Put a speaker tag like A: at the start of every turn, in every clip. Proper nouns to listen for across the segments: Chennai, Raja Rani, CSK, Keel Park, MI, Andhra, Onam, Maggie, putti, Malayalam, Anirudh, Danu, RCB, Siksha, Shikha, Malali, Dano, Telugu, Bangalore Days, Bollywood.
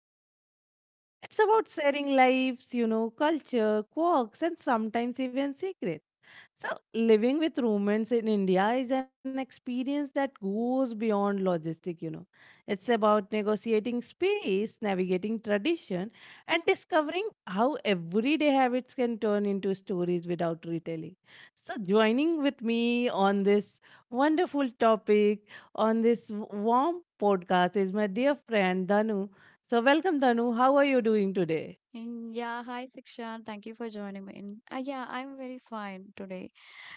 A: splitting rent. It's about sharing lives, you know, culture, quirks and sometimes even secrets. So, living with roommates in India is an experience that goes beyond logistic. It's about negotiating space, navigating tradition, and discovering how everyday habits can turn into stories without retelling. So, joining with me on this wonderful topic, on this warm podcast, is my dear friend Danu. So, welcome, Danu. How are you doing today?
B: Yeah, hi Siksha. Thank you for joining me. I'm very fine today.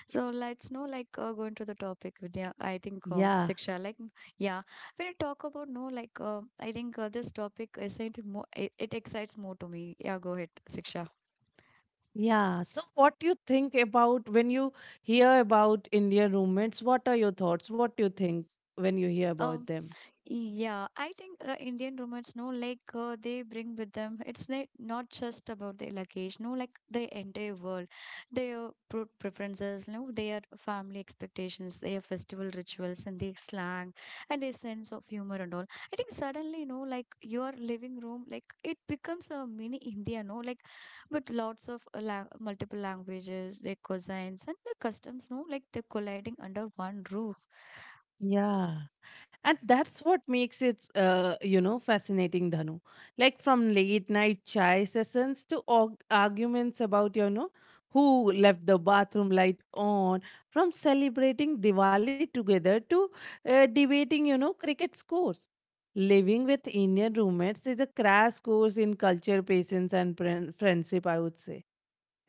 B: So let's know, like, going to the topic with yeah, I think
A: Yeah.
B: Siksha, like, yeah, when I talk about, no, like, I think this topic is something more, it excites more to me. Yeah, go ahead, Siksha.
A: Yeah. So, what do you think about when you hear about Indian roommates? What are your thoughts? What do you think when you hear about them?
B: Yeah, I think Indian roommates, no, like they bring with them. It's not just about their luggage, no, like the entire world, their preferences, no, their family expectations, their festival rituals, and their slang, and their sense of humor and all. I think suddenly, you know, like your living room, like it becomes a mini India, no, like with lots of la multiple languages, their cousins, and the customs, no, like they're colliding under one roof.
A: Yeah. And that's what makes it, you know, fascinating, Dhanu. Like from late night chai sessions to arguments about, you know, who left the bathroom light on, from celebrating Diwali together to debating, you know, cricket scores. Living with Indian roommates is a crash course in culture, patience, and friendship, I would say.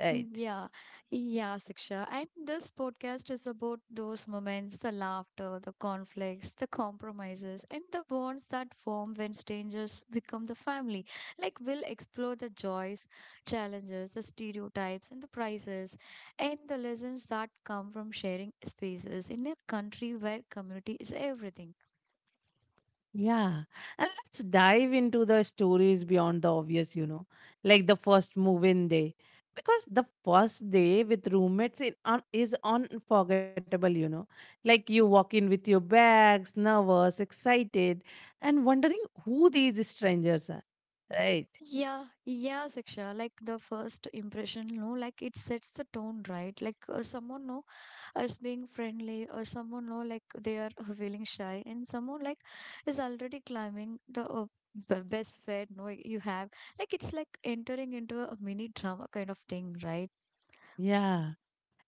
A: Right.
B: Yeah, yeah, Siksha. And this podcast is about those moments, the laughter, the conflicts, the compromises, and the bonds that form when strangers become the family. Like, we'll explore the joys, challenges, the stereotypes, and the prices, and the lessons that come from sharing spaces in a country where community is everything.
A: Yeah, and let's dive into the stories beyond the obvious, you know, like the first move-in day, because the first day with roommates is unforgettable, you know. Like you walk in with your bags, nervous, excited, and wondering who these strangers are, right?
B: Yeah, Siksha. Like the first impression, no, like it sets the tone, right? Like someone, no, as being friendly, or someone, know, like they are feeling shy, and someone like is already climbing the best fed, no, you have, like it's like entering into a mini drama kind of thing, right?
A: Yeah,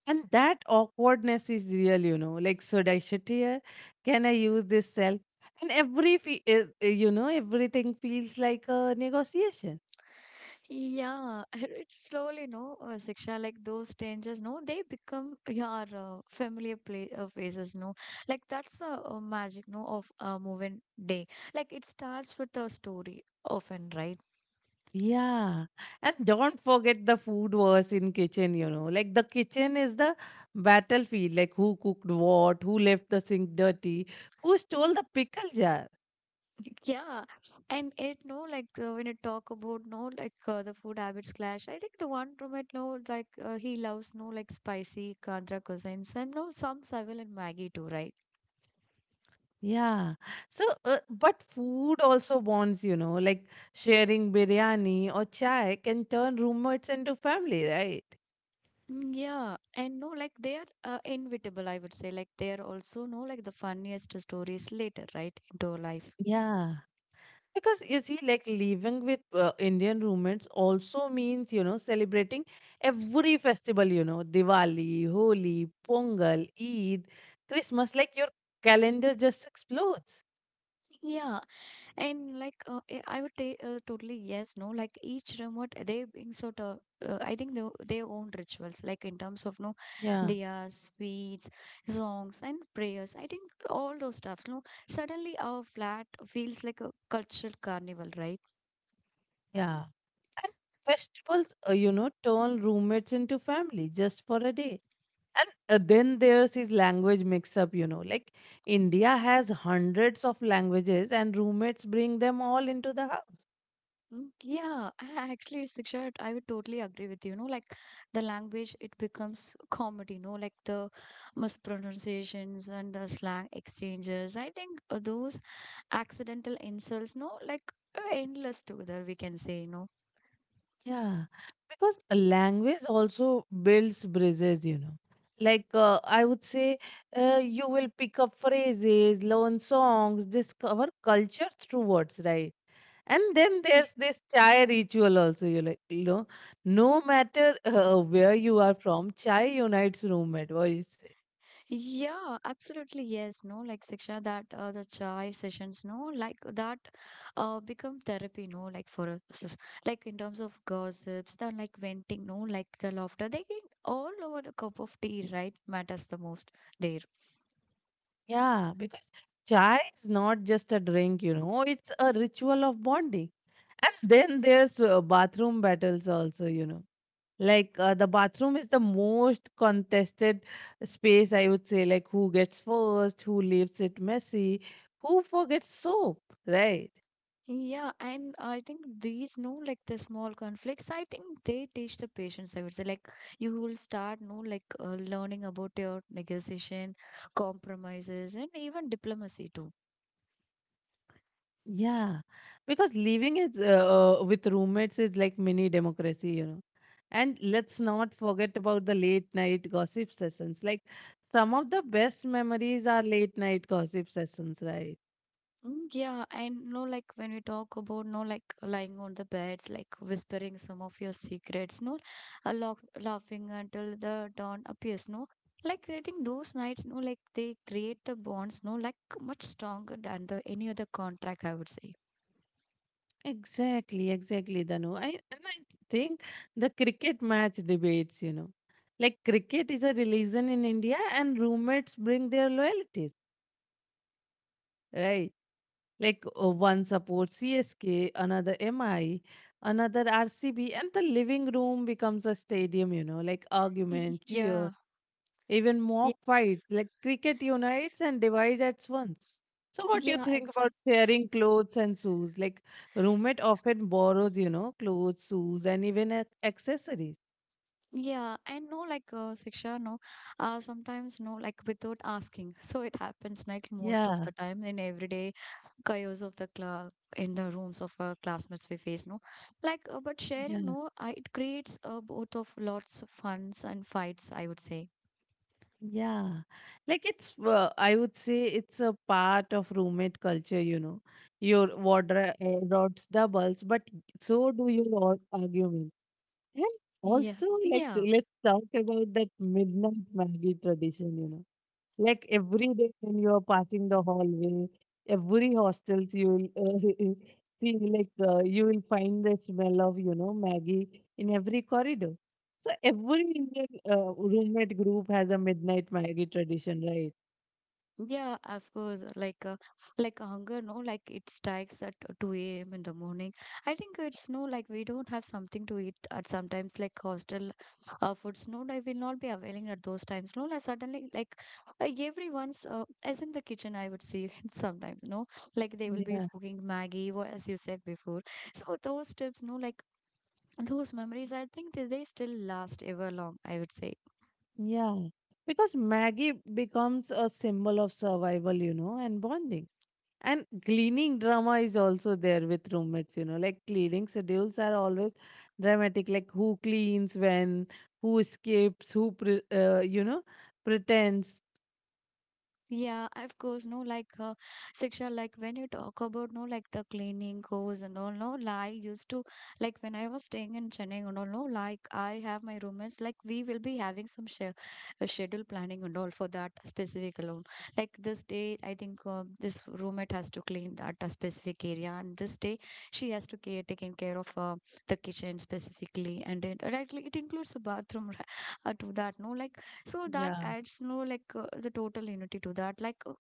A: and that awkwardness is real, you know. Like, should I sit here? Can I use this cell? And you know, everything feels like a negotiation.
B: Yeah, it's slowly, no, Siksha, like those dangers, no, they become your familiar play faces, no. Like that's the magic, no, of a moving day. Like it starts with a story often, right?
A: Yeah. And don't forget the food wars in kitchen, you know. Like the kitchen is the battlefield, like who cooked what, who left the sink dirty, who stole the pickle jar.
B: Yeah, and it, no, like when you talk about, no, like the food habits clash. I think the one roommate, no, like he loves, no, like spicy Andhra cuisines and no some Savil and Maggie too, right?
A: Yeah. So, but food also bonds, you know, like sharing biryani or chai can turn roommates into family, right?
B: Yeah, and no, like they are inevitable. I would say, like they are also, no, like the funniest stories later, right, into our life.
A: Yeah. Because you see, like living with Indian roommates also means, you know, celebrating every festival, you know, Diwali, Holi, Pongal, Eid, Christmas, like your calendar just explodes.
B: Yeah, and like I would say totally yes, no. Like each remote, they bring sort of I think they their own rituals, like in terms of no,
A: Yeah,
B: diyas, sweets, songs, and prayers. I think all those stuffs. No, suddenly our flat feels like a cultural carnival, right?
A: yeah. And festivals, you know, turn roommates into family just for a day. And then there's his language mix up, you know, like India has hundreds of languages and roommates bring them all into the house.
B: Yeah, actually, Siksha, I would totally agree with you. No, like the language, it becomes comedy. No, like the mispronunciations and the slang exchanges. I think those accidental insults, no, like endless together, we can say, no.
A: Yeah, because a language also builds bridges, you know. Like I would say, you will pick up phrases, learn songs, discover culture through words, right? And then
B: Y-
A: there's this chai ritual also. You like, you know, no matter where you are from, chai unites roommate. What you say?
B: Yeah, absolutely. Yes, no, like Siksha, that the chai sessions, no, like that become therapy, no, like for us, like in terms of gossips, the like venting, no, like the laughter, they all over the cup of tea, right, matters the most there.
A: Yeah, because chai is not just a drink, you know. It's a ritual of bonding. And then there's bathroom battles also, you know. Like the bathroom is the most contested space, I would say. Like who gets first, who leaves it messy, who forgets soap, right?
B: Yeah, and I think these, no, like the small conflicts, I think they teach the patience, I would say. Like, you will start, no, like learning about your negotiation, compromises, and even diplomacy too.
A: Yeah, because living is with roommates is like mini democracy, you know. And let's not forget about the late night gossip sessions. Like some of the best memories are late night gossip sessions, right?
B: Yeah, and no, like when we talk about, no, like lying on the beds, like whispering some of your secrets, no, a laughing until the dawn appears, no, like I think those nights, no, like they create the bonds, no, like much stronger than the any other contract, I would say.
A: Exactly, exactly, Danu. I think the cricket match debates, you know, like cricket is a religion in India, and roommates bring their loyalties, right? Like one supports CSK, another MI, another RCB, and the living room becomes a stadium, you know, like argument, cheer,
B: Yeah.
A: even
B: Yeah,
A: mock fights like cricket unites and divides at once. So, what do you
B: yeah,
A: think about
B: exactly.
A: sharing clothes and shoes? Like, roommate often borrows, you know, clothes, shoes, and even accessories.
B: Yeah, and no, like Siksha, no, sometimes, no, like without asking. So it happens like most of
A: Yeah,
B: the time in everyday chaos of the class in the rooms of our classmates we face. No, like but sharing,
A: yeah,
B: no, I, it creates both of lots of funs and fights. I would say.
A: yeah. Like, I would say it's a part of roommate culture, you know. Your wardrobes doubles, but so do your arguments. And
B: Yeah,
A: also, like,
B: yeah.
A: let's talk about that midnight Maggie tradition, you know. Like every day when you are passing the hallway, every hostels you will see like you will find the smell of you know Maggie in every corridor. So every Indian roommate group has a midnight Maggie tradition, right?
B: Yeah, of course. Like hunger, no, like it strikes at 2 a.m. in the morning. I think it's no, like we don't have something to eat at sometimes, like hostel foods. No, like will not be availing at those times. No, like suddenly, like everyone's as in the kitchen, I would see sometimes. No, like they will be
A: Yeah,
B: cooking Maggie, or as you said before. So those tips, no, like those memories, I think they still last ever long. I would say.
A: yeah. Because Maggie becomes a symbol of survival, you know, and bonding. And cleaning drama is also there with roommates, you know, like cleaning schedules are always dramatic, like who cleans when, who escapes, you know, pretends.
B: Yeah, of course, no, like Siksha, like when you talk about, no, like the cleaning goes and all, no, like I used to, like when I was staying in Chennai and all, no, like I have my roommates, like we will be having some sh schedule planning and all for that specific alone. Like this day, I think this roommate has to clean that specific area, and this day she has to care taking care of the kitchen specifically, and it right, like, it includes the bathroom to that, no, like so that
A: Yeah.
B: adds, no, like the total unity to that, like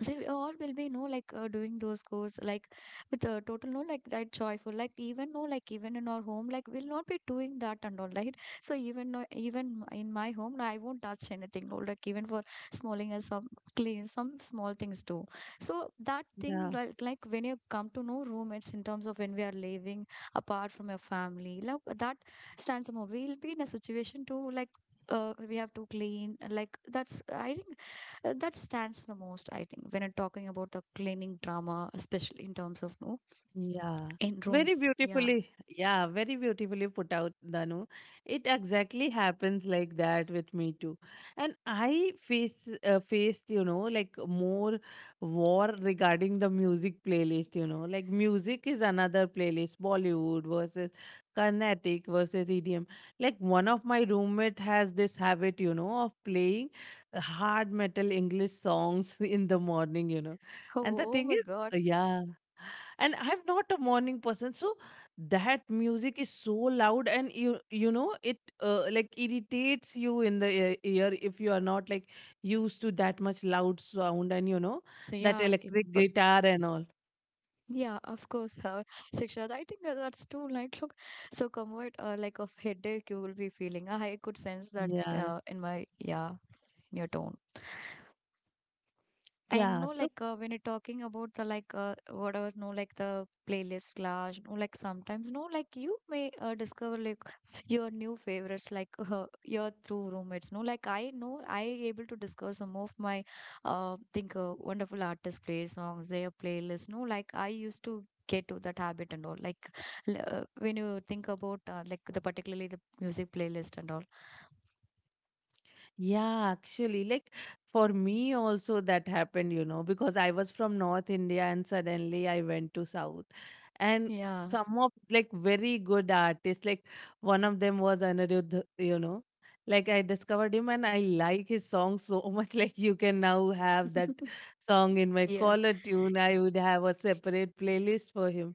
B: so we all will be, no, like doing those goals like with total, no, like that joyful, like even no, like even in our home, like we'll not be doing that and all, right? So even no, even in my home I won't touch anything, no, like even for smalling as some clean some small things too. So that thing,
A: Yeah.
B: like, when you come to know roommates in terms of when we are living apart from your family, like that stands more. We'll be in a situation to like we have to clean. Like that's I think that stands the most, I think, when I'm talking about the cleaning drama, especially in terms of no,
A: Yeah,
B: in
A: very
B: rooms. Yeah.
A: beautifully. Yeah, very beautifully put out, Danu. It exactly happens like that with me too. And I faced, you know, like more war regarding the music playlist, you know. Like music is another playlist, Bollywood versus Carnatic versus EDM. Like one of my roommate has this habit, you know, of playing hard metal English songs in the morning, you know. And the
B: Oh, oh
A: thing
B: my god.
A: is, yeah, and I'm not a morning person, so that music is so loud and you know it like irritates you in the ear if you are not like used to that much loud sound and you know
B: So
A: that
B: yeah it,
A: electric
B: but
A: guitar and all,
B: yeah, of course, Siksha, I think that's too like look so convert like of headache you will be feeling. I could sense that
A: yeah,
B: in my, yeah, in your tone. I
A: yeah,
B: know,
A: so.
B: like, when you're talking about the like, whatever, no, like the playlist clash, no, like sometimes, no, like you may discover like your new favorites, like your through roommates, no, like I know I able to discover some of my, think wonderful artists play songs, their playlist, no, like I used to get to that habit and all, like when you think about like the particularly the music playlist and all,
A: Yeah, actually, like for me also that happened, you know, because I was from North India and suddenly I went to South. And
B: yeah,
A: some of like very good artists, like one of them was Anirudh, you know. Like I discovered him and I like his song so much. Like you can now have that song in my
B: yeah,
A: caller tune. I would have a separate playlist for him,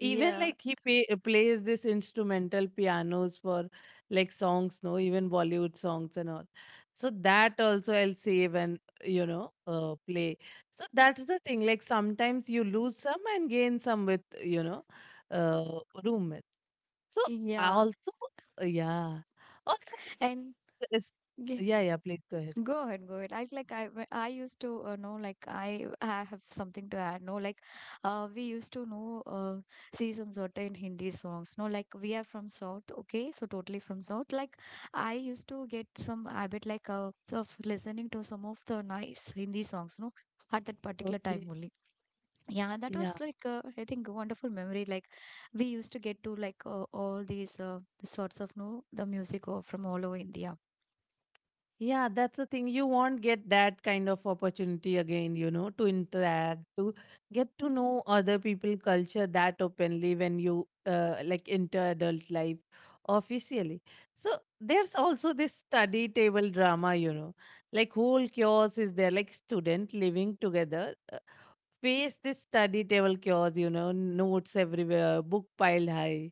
A: even like plays this instrumental pianos for like songs no even bollywood songs and all, so that also I'll save and you know play. So that's the thing, like sometimes you lose some and gain some with you know uh, roommate. So I
B: yeah,
A: also yeah, also think
B: and.
A: this,
B: Yeah.
A: yeah yeah please go ahead,
B: Go ahead, go ahead. I like I when I used to know like I have something to add. No, like we used to know see some certain Hindi songs. No, like we are from South. Okay, so totally from South. Like I used to get some habit like of listening to some of the nice Hindi songs. No. At that particular time
A: okay,
B: only. Yeah, that was
A: yeah.
B: like I think a wonderful memory. Like we used to get to like all these sorts of no the music of, from all over India.
A: Yeah, that's the thing. You won't get that kind of opportunity again, you know, to interact, to get to know other people culture that openly when you like enter adult life officially. So there's also this study table drama, you know, like whole chaos is there, like student living together face this study table chaos, you know, notes everywhere, book piled high.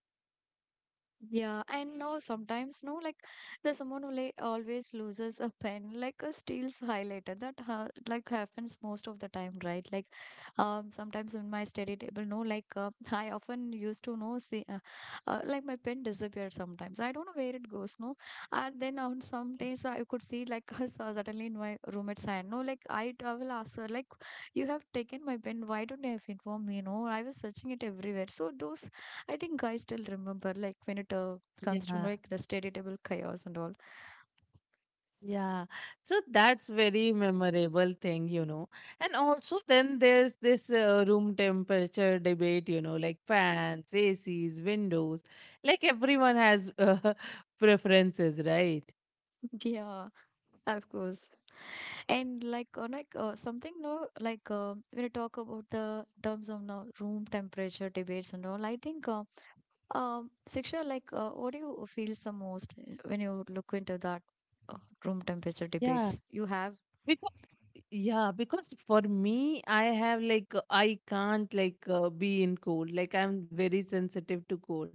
B: Yeah, and no, sometimes no, like there's someone who like always loses a pen, like a steals highlighter. That ha, like happens most of the time, right? Like, sometimes in my study table, no, like I often used to know see, like my pen disappeared sometimes. I don't know where it goes, no. And then on some days I could see like her suddenly in my roommate's hand, no, like I will ask her like, you have taken my pen. Why don't you have informed me? No, I was searching it everywhere. So those I think I still remember, like, when it comes to
A: Yeah.
B: like the study table chaos and all.
A: Yeah, so that's very memorable thing, you know. And also then there's this room temperature debate, you know, like fans, ACs, windows. Like everyone has preferences, right?
B: Yeah, of course. And like, on like something, no, like when you talk about the terms of now room temperature debates and all, I think, Siksha, like, what do you feel the most when you look into that uh, room temperature
A: Yeah.
B: debates you have?
A: Because yeah, because for me, I have like I can't like be in cold. Like I'm very sensitive to cold.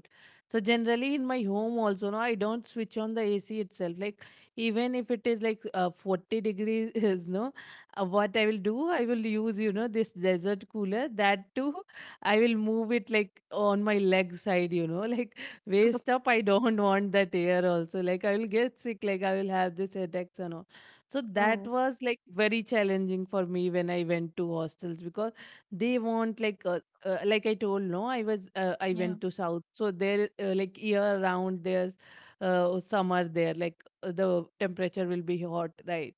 A: So generally in my home also, no, I don't switch on the AC itself. Like even if it is like 40 degrees, no, what I will do, I will use you know this desert cooler. That too, I will move it like on my leg side. You know, like waist up. I don't want that air also. Like I will get sick. Like I will have this headaches and all. So that
B: Oh,
A: was like very challenging for me when I went to hostels because they want like I told no I
B: yeah,
A: went to south, so there like year round there's summer there, like the temperature will be hot, right?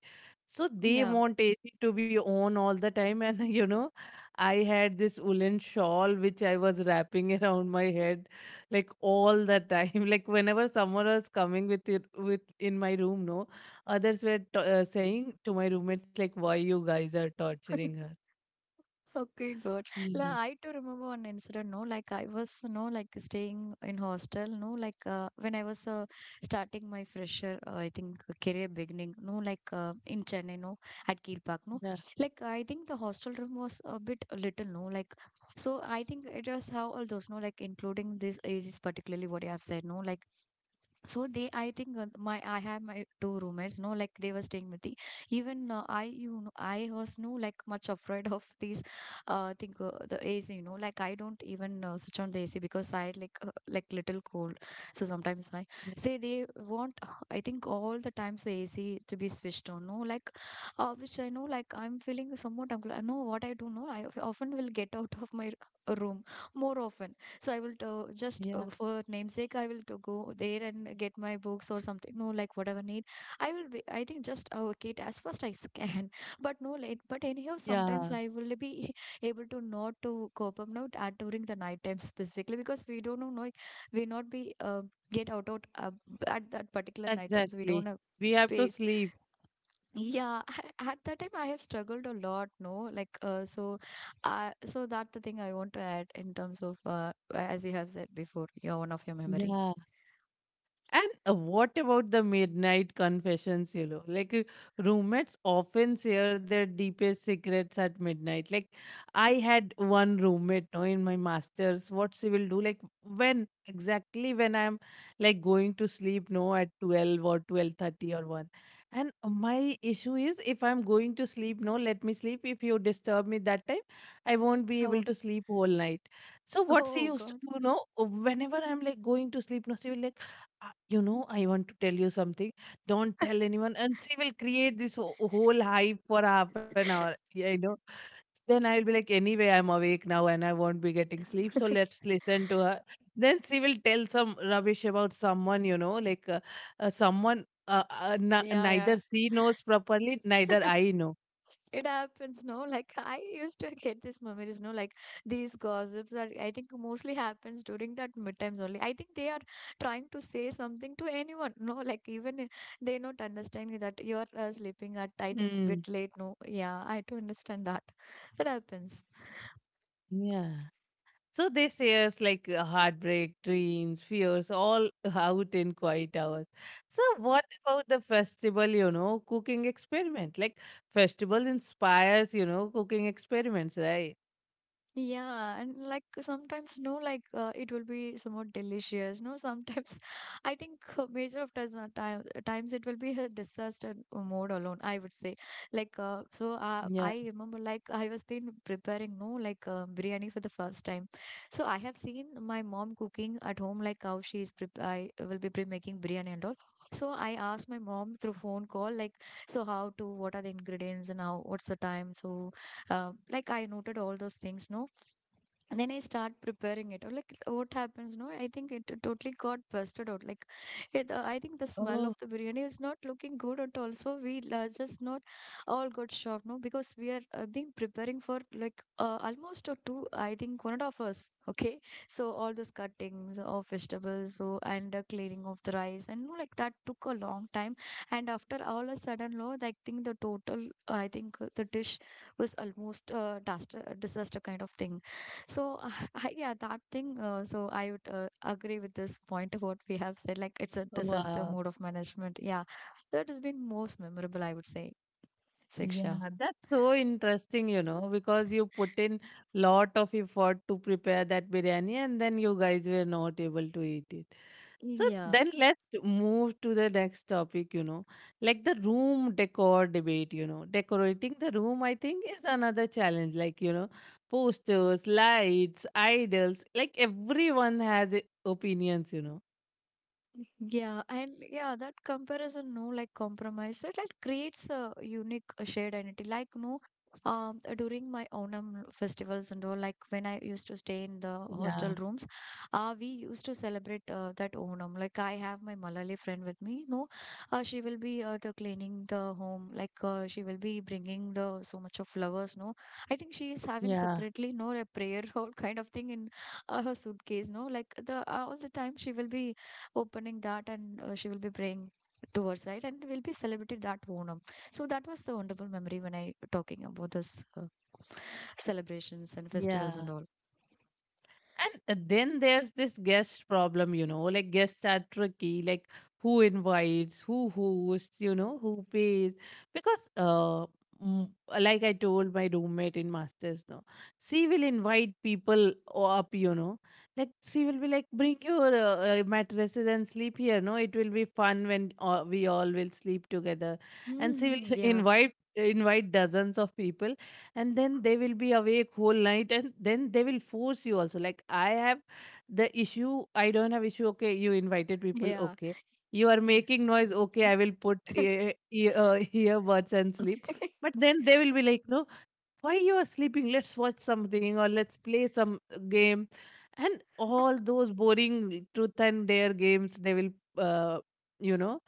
A: So they
B: yeah.
A: want AC to be on all the time and you know, I had this woolen shawl which I was wrapping around my head like all the time like whenever summer was coming with it with in my room no. Others were saying to my roommates, like, why you guys are torturing her.
B: Okay, good.
A: Yeah,
B: Like, I too remember one incident, no, like I was, no, like staying in hostel, no, like when I was starting my fresher, I think career beginning, no, like in Chennai, no, at Keel Park, no,
A: yeah,
B: like I think the hostel room was a bit little, no, like so I think it was how all those, no, like including this is particularly what you have said, no, like so they, I think my I have my two roommates. No, like they were staying with the. Even I, you know, I was no like much afraid of these. Think The AC. You know, like I don't even switch on the AC because I like little cold. So sometimes I
A: yeah,
B: say they want. I think all the times the AC to be switched on. No, like which I know like I'm feeling somewhat uncomfortable. I know what I do. No, I often will get out of my room more often so I will to just
A: yeah,
B: for namesake I will to go there and get my books or something no like whatever need I will be, I think just allocate as fast as can but no late but anyhow sometimes
A: yeah,
B: I will be able to not to cope up now at during the night time specifically because we don't know like, we not be get out at that particular night time so we
A: exactly.
B: don't have
A: We have to
B: space
A: sleep.
B: yeah at that time I have struggled a lot no like so that's the thing I want to add in terms of as you have said before your one of your memory.
A: Yeah. And what about the midnight confessions, you know? Like, roommates often share their deepest secrets at midnight. Like, I had one roommate, no, in my master's, what she will do, like, when exactly when I'm like going to sleep, no, at 12 or 12:30 or 1. And my issue is if I'm going to sleep, no, let me sleep. If you disturb me that time, I won't be able
B: Oh.
A: to sleep whole night. So what she
B: Oh
A: used to
B: god.
A: do, no, whenever I'm like going to sleep, no, she will like you know, I want to tell you something, don't tell anyone, and she will create this whole hype for half an hour. Yeah, you know, then I will be like anyway I'm awake now and I won't be getting sleep, so let's listen to her. Then she will tell some rubbish about someone, you know, like someone neither
B: Yeah,
A: she knows properly
B: yeah.
A: neither I know.
B: It happens, no, like I used to get these memories, no, like these gossips are I think mostly happens during that midterms only. I think they are trying to say something to anyone, no, like they not understanding that you're sleeping at I think
A: Hmm.
B: bit late, no. Yeah, I do understand that that happens.
A: Yeah. So they say us like heartbreak, dreams, fears, all out in quiet hours. So what about the festival, you know, cooking experiment? Like festival inspires, you know, cooking experiments, right?
B: Yeah, and like sometimes, no, like it will be somewhat delicious. No, sometimes I think uh, major of times it will be a disaster mode alone, I would say. Like,
A: Yeah.
B: I remember, like, I was been preparing, no, like biryani for the first time. So I have seen my mom cooking at home, like how she is, prep I will be pre making biryani and all. So I asked my mom through phone call, like, so how to, what are the ingredients and how, what's the time? So, like, I noted all those things, no, and then I start preparing it. Or like what happens, no? I think it totally got busted out. Like, I think the smell of
A: Oh,
B: the biryani is not looking good at all. So we just not all got shocked, no? Because we are being preparing for like almost two. I think 1.5 hours. Okay, so all those cuttings of vegetables, so and cleaning of the rice, and no, like that took a long time. And after all a sudden, no, I think the total, I think the dish was almost disaster kind of thing. So I, yeah, that thing. So I would agree with this point of what we have said. Like it's a disaster
A: wow.
B: mode of management. Yeah, that has been most memorable, I would say, Siksha.
A: Yeah, that's so interesting, you know, because you put in lot of effort to prepare that biryani and then you guys were not able to eat it. So
B: Yeah.
A: then let's move to the next topic, you know, like the room decor debate, you know. Decorating the room, I think, is another challenge. Like, you know, posters, lights, idols, like everyone has opinions, you know.
B: Yeah, and yeah, that comparison, no, like compromise, that like creates a unique shared identity. Like, no, during my Onam festivals and all, like when I used to stay in the
A: Yeah,
B: hostel rooms, we used to celebrate that Onam. Like, I have my Malali friend with me. No, she will be the cleaning the home. Like, she will be bringing the so much of flowers. No, I think she is having
A: yeah,
B: separately, no, a prayer hall kind of thing in her suitcase. No, like the all the time she will be opening that and she will be praying towards right and we'll be celebrating that Onam. So that was the wonderful memory when I talking about this celebrations and festivals and
A: yeah.
B: all.
A: And then there's this guest problem, you know, like guests are tricky, like who invites, who hosts, you know, who pays. Because, m- like I told my roommate in Masters, no, she will invite people up, you know, like she will be like, bring your mattresses and sleep here, no, it will be fun when we all will sleep together. And she
B: Mm,
A: will
B: yeah,
A: invite dozens of people, and then they will be awake whole night, and then they will force you also. Like, I have the issue. I don't have issue. Okay, you invited people.
B: yeah.
A: Okay, you are making noise. Okay, I will put earbuds and sleep. But then they will be like, no, why you are sleeping? Let's watch something or let's play some game. And all those boring truth and dare games they will uh, you know,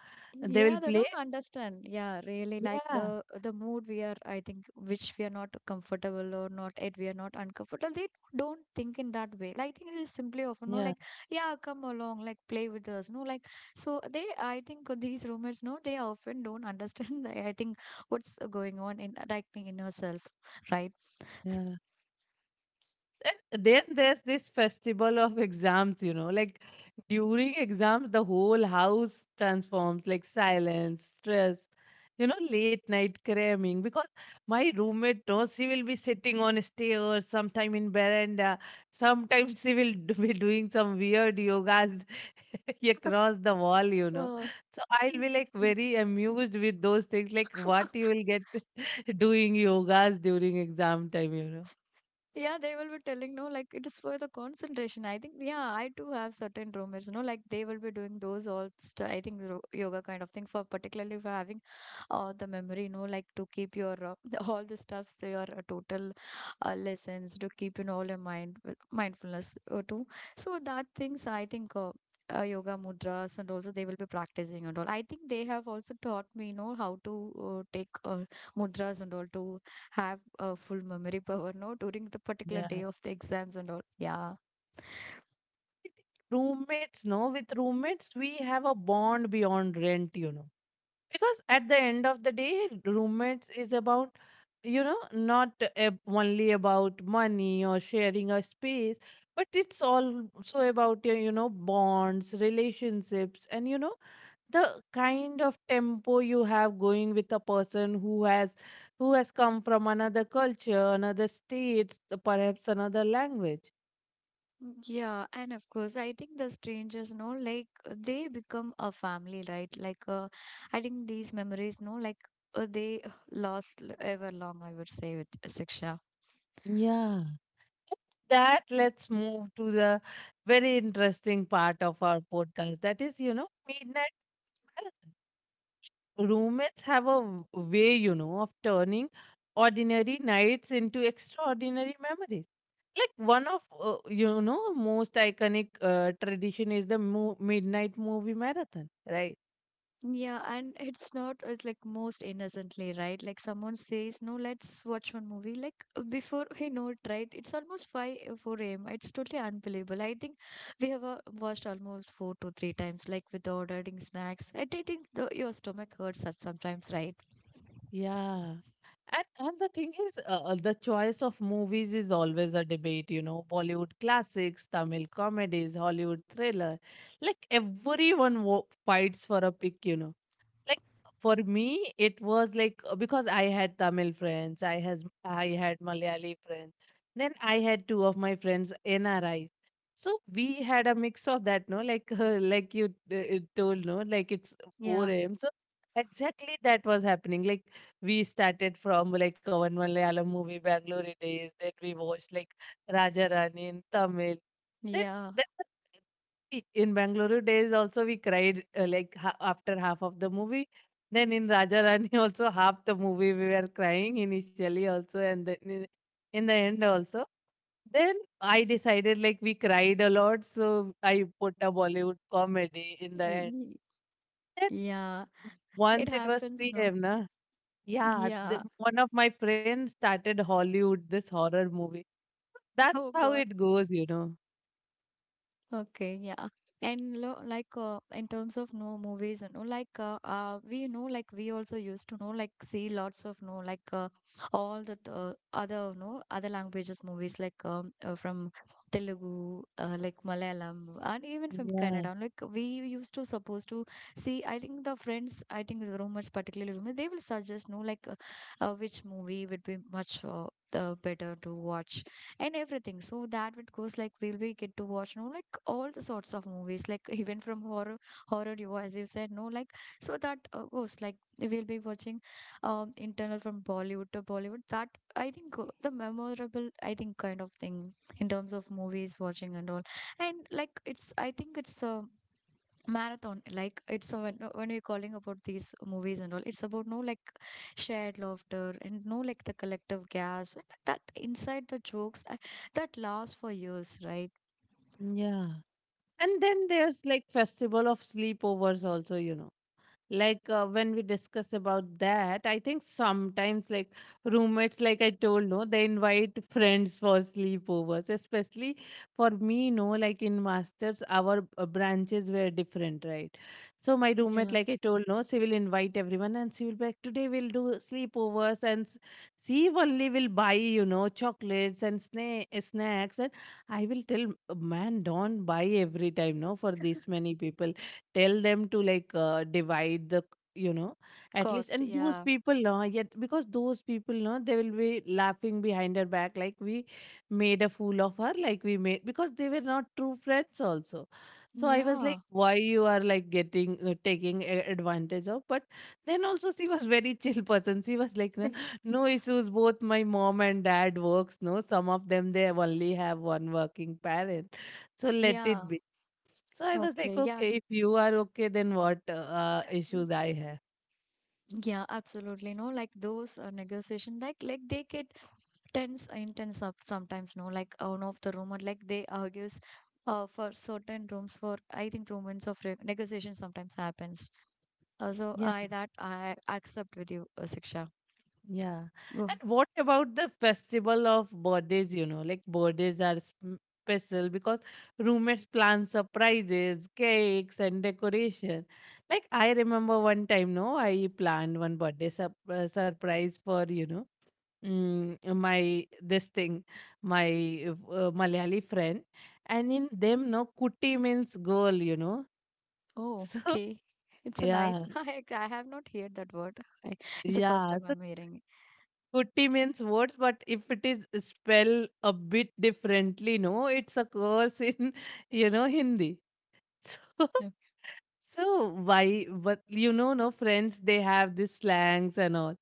A: they will
B: Yeah, they
A: play.
B: don't understand. Yeah, really like
A: Yeah,
B: the mood we are, I think, which we are not comfortable or not at we are not uncomfortable. They don't think in that way. Like I think it is simply of no,
A: yeah,
B: like, yeah, come along, like play with us. No, like so they I think these roommates, no, they often don't understand the, I think what's going on in like in yourself, right? S-
A: yeah. And then there's this festival of exams, you know, like during exams, the whole house transforms. Like silence, stress, you know, late night cramming. Because my roommate knows, she will be sitting on stairs, sometime in veranda, sometimes she will be doing some weird yogas across the wall, you know.
B: Uh,
A: So I'll be like very amused with those things, like what you will get doing yogas during exam time, you know.
B: Yeah, they will be telling, no, like it is for the concentration. I think, yeah, I too have certain roommates, no, like they will be doing those all, I think, yoga kind of thing for particularly for having the memory, no, like to keep your all the stuffs, to your total lessons, to keep in all your mind well, mindfulness too. So that things, I think. Yoga mudras and also they will be practicing and all I think they have also taught me you know how to take mudras and all to have a full memory power, no, during the particular day of the exams and all. Yeah.
A: Roommates, no, with roommates we have a bond beyond rent, you know, because at the end of the day, roommates is about, you know, not only about money or sharing a space, but it's also about your, you know, bonds, relationships, and you know, the kind of tempo you have going with a person who has, who has come from another culture, another state, perhaps another language.
B: Yeah, and of course, I think the strangers, no, like they become a family, right? Like, I think these memories, no, like they ever long, I would say, with Siksha.
A: Yeah, that, let's move to the very interesting part of our podcast. That is, you know, midnight marathon. Roommates have a way, you know, of turning ordinary nights into extraordinary memories. Like one of, you know, most iconic tradition is the midnight movie marathon, right?
B: Yeah, and it's not like most innocently, right? Like someone says, "No, let's watch one movie." Like before we know it, right? It's almost four a.m. It's totally unbelievable. I think we have watched almost four to three times, like with ordering snacks. And I think the, your stomach hurts at sometimes, right?
A: Yeah. And the thing is, the choice of movies is always a debate, you know. Bollywood classics, Tamil comedies, Hollywood thriller. Like everyone fights for a pick, you know. Like for me, it was like, because I had Tamil friends, I had Malayali friends, then I had two of my friends NRIs. So we had a mix of that, no, like like you told, no, like it's
B: Yeah,
A: 4 a.m. So exactly that was happening. Like, we started from like one Malayalam movie, Bangalore Days. Then we watched like Raja Rani in Tamil. Then
B: yeah,
A: that in Bangalore Days also we cried, like after half of the movie. Then in Raja Rani also half the movie we were crying initially also, and then in the end also. Then I decided like we cried a lot, so I put a Bollywood comedy in the end.
B: y-
A: Then
B: yeah. It
A: once it was
B: happens,
A: 3
B: no?
A: a.m. na, yeah,
B: Yeah.
A: the, one of my friends started Hollywood this horror movie. That's
B: Oh
A: how
B: God.
A: it goes, you know.
B: Okay, yeah. And lo like in terms of no movies and all, like we know like we also used to know like see lots of no like all the other no other languages movies like from Telugu like Malayalam and even from
A: Yeah,
B: Canada like we used to supposed to see I think the friends I think the roommates particularly roommates they will suggest no like which movie would be much better to watch and everything. So that it goes like we get to watch no like all the sorts of movies like even from horror you as you said no like so that goes like we'll be watching internal from Bollywood to Bollywood that I think the memorable I think kind of thing in terms of movies watching and all and like it's I think it's marathon like it's a, when you're calling about these movies and all it's about no like shared laughter and no like the collective gasp and that inside the jokes that last for years right.
A: yeah. And then there's like festival of sleepovers also, you know, like when we discuss about that, I think sometimes like roommates, like I told, no, they invite friends for sleepovers. Especially for me, no, like in Masters, our branches were different, right? So my roommate,
B: Yeah.
A: like I told, no, she will invite everyone, and she will be like, today we'll do sleepovers and she only will buy, you know, chocolates and snacks. And I will tell, man, don't buy every time, no, for this many people. Tell them to like, divide the, you know, at least.
B: cost
A: And those
B: yeah,
A: people know yet, because those people know, they will be laughing behind her back, like we made a fool of her. Like we made, because they were not true friends also. So I was
B: yeah,
A: like, why you are like getting, taking advantage of? But then also she was very chill person. She was like, no, no issues, both my mom and dad works, no, some of them they only have one working parent, so let
B: yeah,
A: it be. So I was like,
B: okay, yeah,
A: okay, if you are okay, then what issues I have?
B: yeah, absolutely, no, like those negotiation like they get tense intense up sometimes no like one of the rumor like they argues for certain rooms for I think rooms of negotiation sometimes happens. So
A: Yeah,
B: I that I accept with you, Siksha.
A: yeah.
B: Go ahead.
A: And what about the festival of birthdays? You know, like birthdays are special because roommates plan surprises, cakes, and decoration. Like I remember one time, no, I planned one birthday sup surprise for, you know, mm, my this thing, my Malayali friend. And in them, no, kuti means girl, you know.
B: Oh,
A: So
B: okay. It's a nice.
A: yeah.
B: I have not heard that word. I, it's the first
A: Yeah,
B: time
A: so
B: I'm hearing. It.
A: kuti means words, but if it is spell a bit differently, no, it's a curse in, you know, Hindi. So
B: Yeah.
A: so why, but you know, no, friends, they have these slangs and all.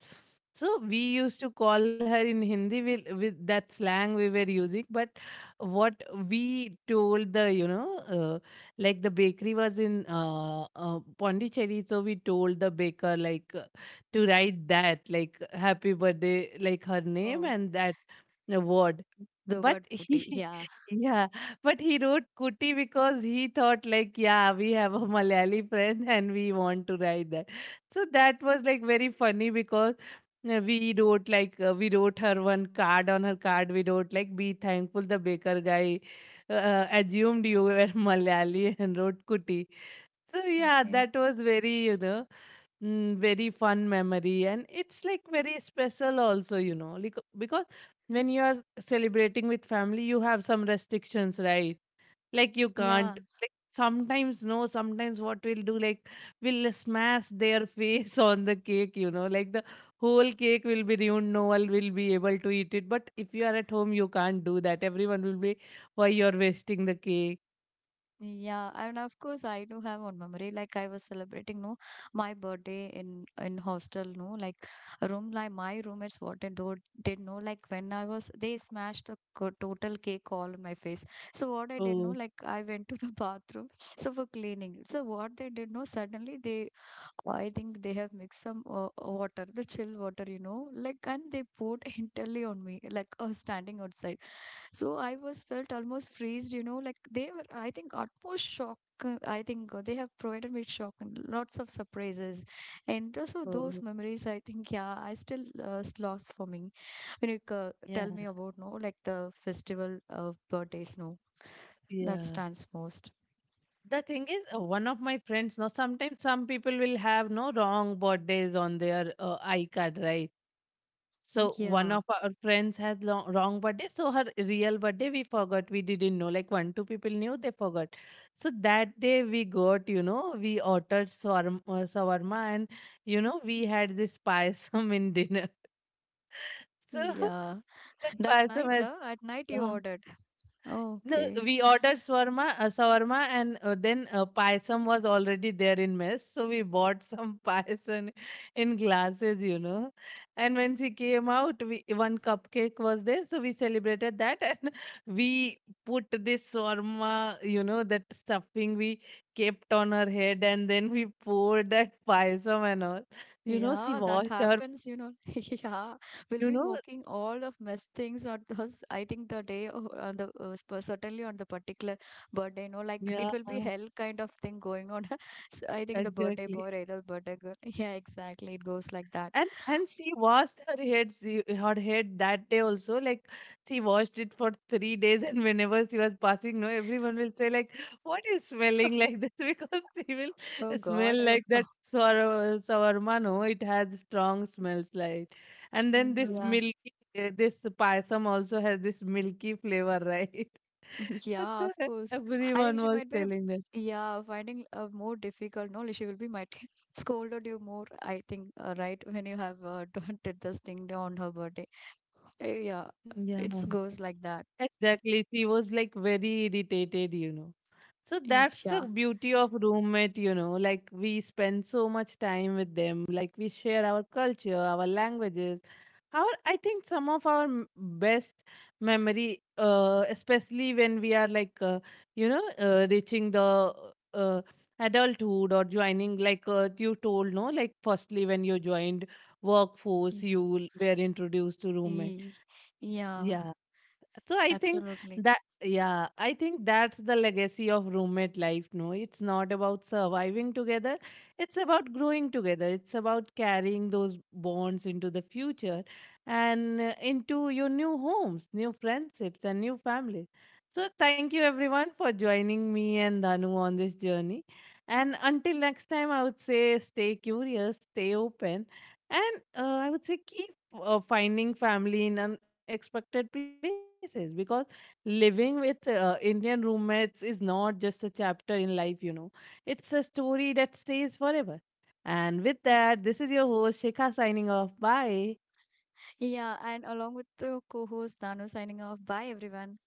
A: So we used to call her in Hindi with that slang we were using. But what we told the, you know, like the bakery was in Pondicherry, so we told the baker like, to write that, like happy birthday, like her name
B: Oh,
A: and that word.
B: the
A: But
B: word putti.
A: he,
B: Yeah.
A: yeah, but he wrote Kuti because he thought like, yeah, we have a Malayali friend and we want to write that. So that was like very funny, because we wrote like we wrote her one card. On her card we wrote like, be thankful the baker guy assumed you were Malayali and wrote Kuti. So yeah,
B: Okay.
A: that was very, you know, mm, very fun memory. And it's like very special also, you know, like because when you are celebrating with family, you have some restrictions, right? Like you
B: Yeah.
A: can't, like sometimes, no, sometimes what we'll do, like we'll smash their face on the cake, you know. Like the whole cake will be ruined, no one will be able to eat it. But if you are at home, you can't do that. Everyone will be, why you're wasting the cake.
B: Yeah, and of course I do have one memory. Like I was celebrating, no, my birthday in hostel, no, like a room, like my roommates what wanted do did know like when I was they smashed a total cake all in my face. So what I did know,
A: Oh,
B: like I went to the bathroom so for cleaning. So what they did know suddenly they I think they have mixed some water, the chill water, you know, like and they poured entirely on me, like standing outside. So I was felt almost freezed, you know, like they were, I think, utmost shock. I think they have provided me shock and lots of surprises. And also those
A: oh,
B: memories, I think, yeah, I still lost for me. When you tell
A: yeah,
B: me about, no, like the festival of birthdays, no, that
A: yeah.
B: stands most.
A: The thing is one of my friends, now sometimes some people will have no wrong birthdays on their icard, right? So one
B: Yeah,
A: of our friends has long, wrong birthday, so her real birthday we forgot, we didn't know. Like 1 2 people knew, they forgot. So that day we got, you know, we ordered shawarma, and you know we had this payasam in dinner. So
B: yeah.
A: that
B: That
A: payasam
B: night,
A: has
B: at night you
A: uh,
B: ordered.
A: no,
B: Okay.
A: we ordered shawarma, and then payasam was already there in mess. So we bought some payasam in glasses, you know. And when she came out, we, one cupcake was there, so we celebrated that, and we put this shawarma, you know, that stuffing, we kept on her head, and then we poured that payasam and all. You know, she
B: Yeah, that
A: washed her,
B: happens, you know. Yeah, we'll
A: you
B: be
A: know,
B: mocking all of mess things at us. I think the day of, on the certainly on the particular birthday, you know, like
A: yeah,
B: it will be hell kind of thing going on. So I think the birthday boy
A: exactly.
B: or either birthday girl. Yeah, exactly. It goes like that.
A: And she washed her head, she, her head that day also, like she washed it for 3 days and whenever she was passing, no, everyone will say like, what is smelling like this? Because she will
B: Oh
A: smell
B: God.
A: like
B: Oh,
A: that shawarma, no, it has strong smells like, and
B: oh,
A: then this
B: yeah.
A: milky this payasam also has this milky flavor, right?
B: Yeah,
A: So
B: of course. I think
A: everyone
B: she
A: was
B: might be,
A: telling that.
B: yeah, finding more difficult. No, she will be might scolded you more. I think, right, when you have did this thing on her birthday. Yeah,
A: Yeah,
B: it goes like that.
A: exactly, she was like very irritated, you know. So
B: Mm,
A: that's the
B: yeah,
A: beauty of roommate, you know, like we spend so much time with them, like we share our culture, our languages. Our, I think some of our best memory, especially when we are like you know reaching the uh, adulthood, or joining like you told, no, like firstly when you joined workforce,
B: yeah,
A: you were introduced to roommate.
B: Ye- yeah,
A: Yeah. So I think
B: absolutely.
A: that, yeah, I think that's the legacy of roommate life. No, it's not about surviving together. It's about growing together. It's about carrying those bonds into the future and into your new homes, new friendships, and new families. So thank you everyone for joining me and Danu on this journey. And until next time, I would say stay curious, stay open, and I would say keep finding family in unexpected places, because living with Indian roommates is not just a chapter in life, you know. It's a story that stays forever. And with that,
B: Y-
A: this is your host, Shikha, signing off. Bye.
B: Yeah, and along with the co-host Dano signing off. Bye, everyone.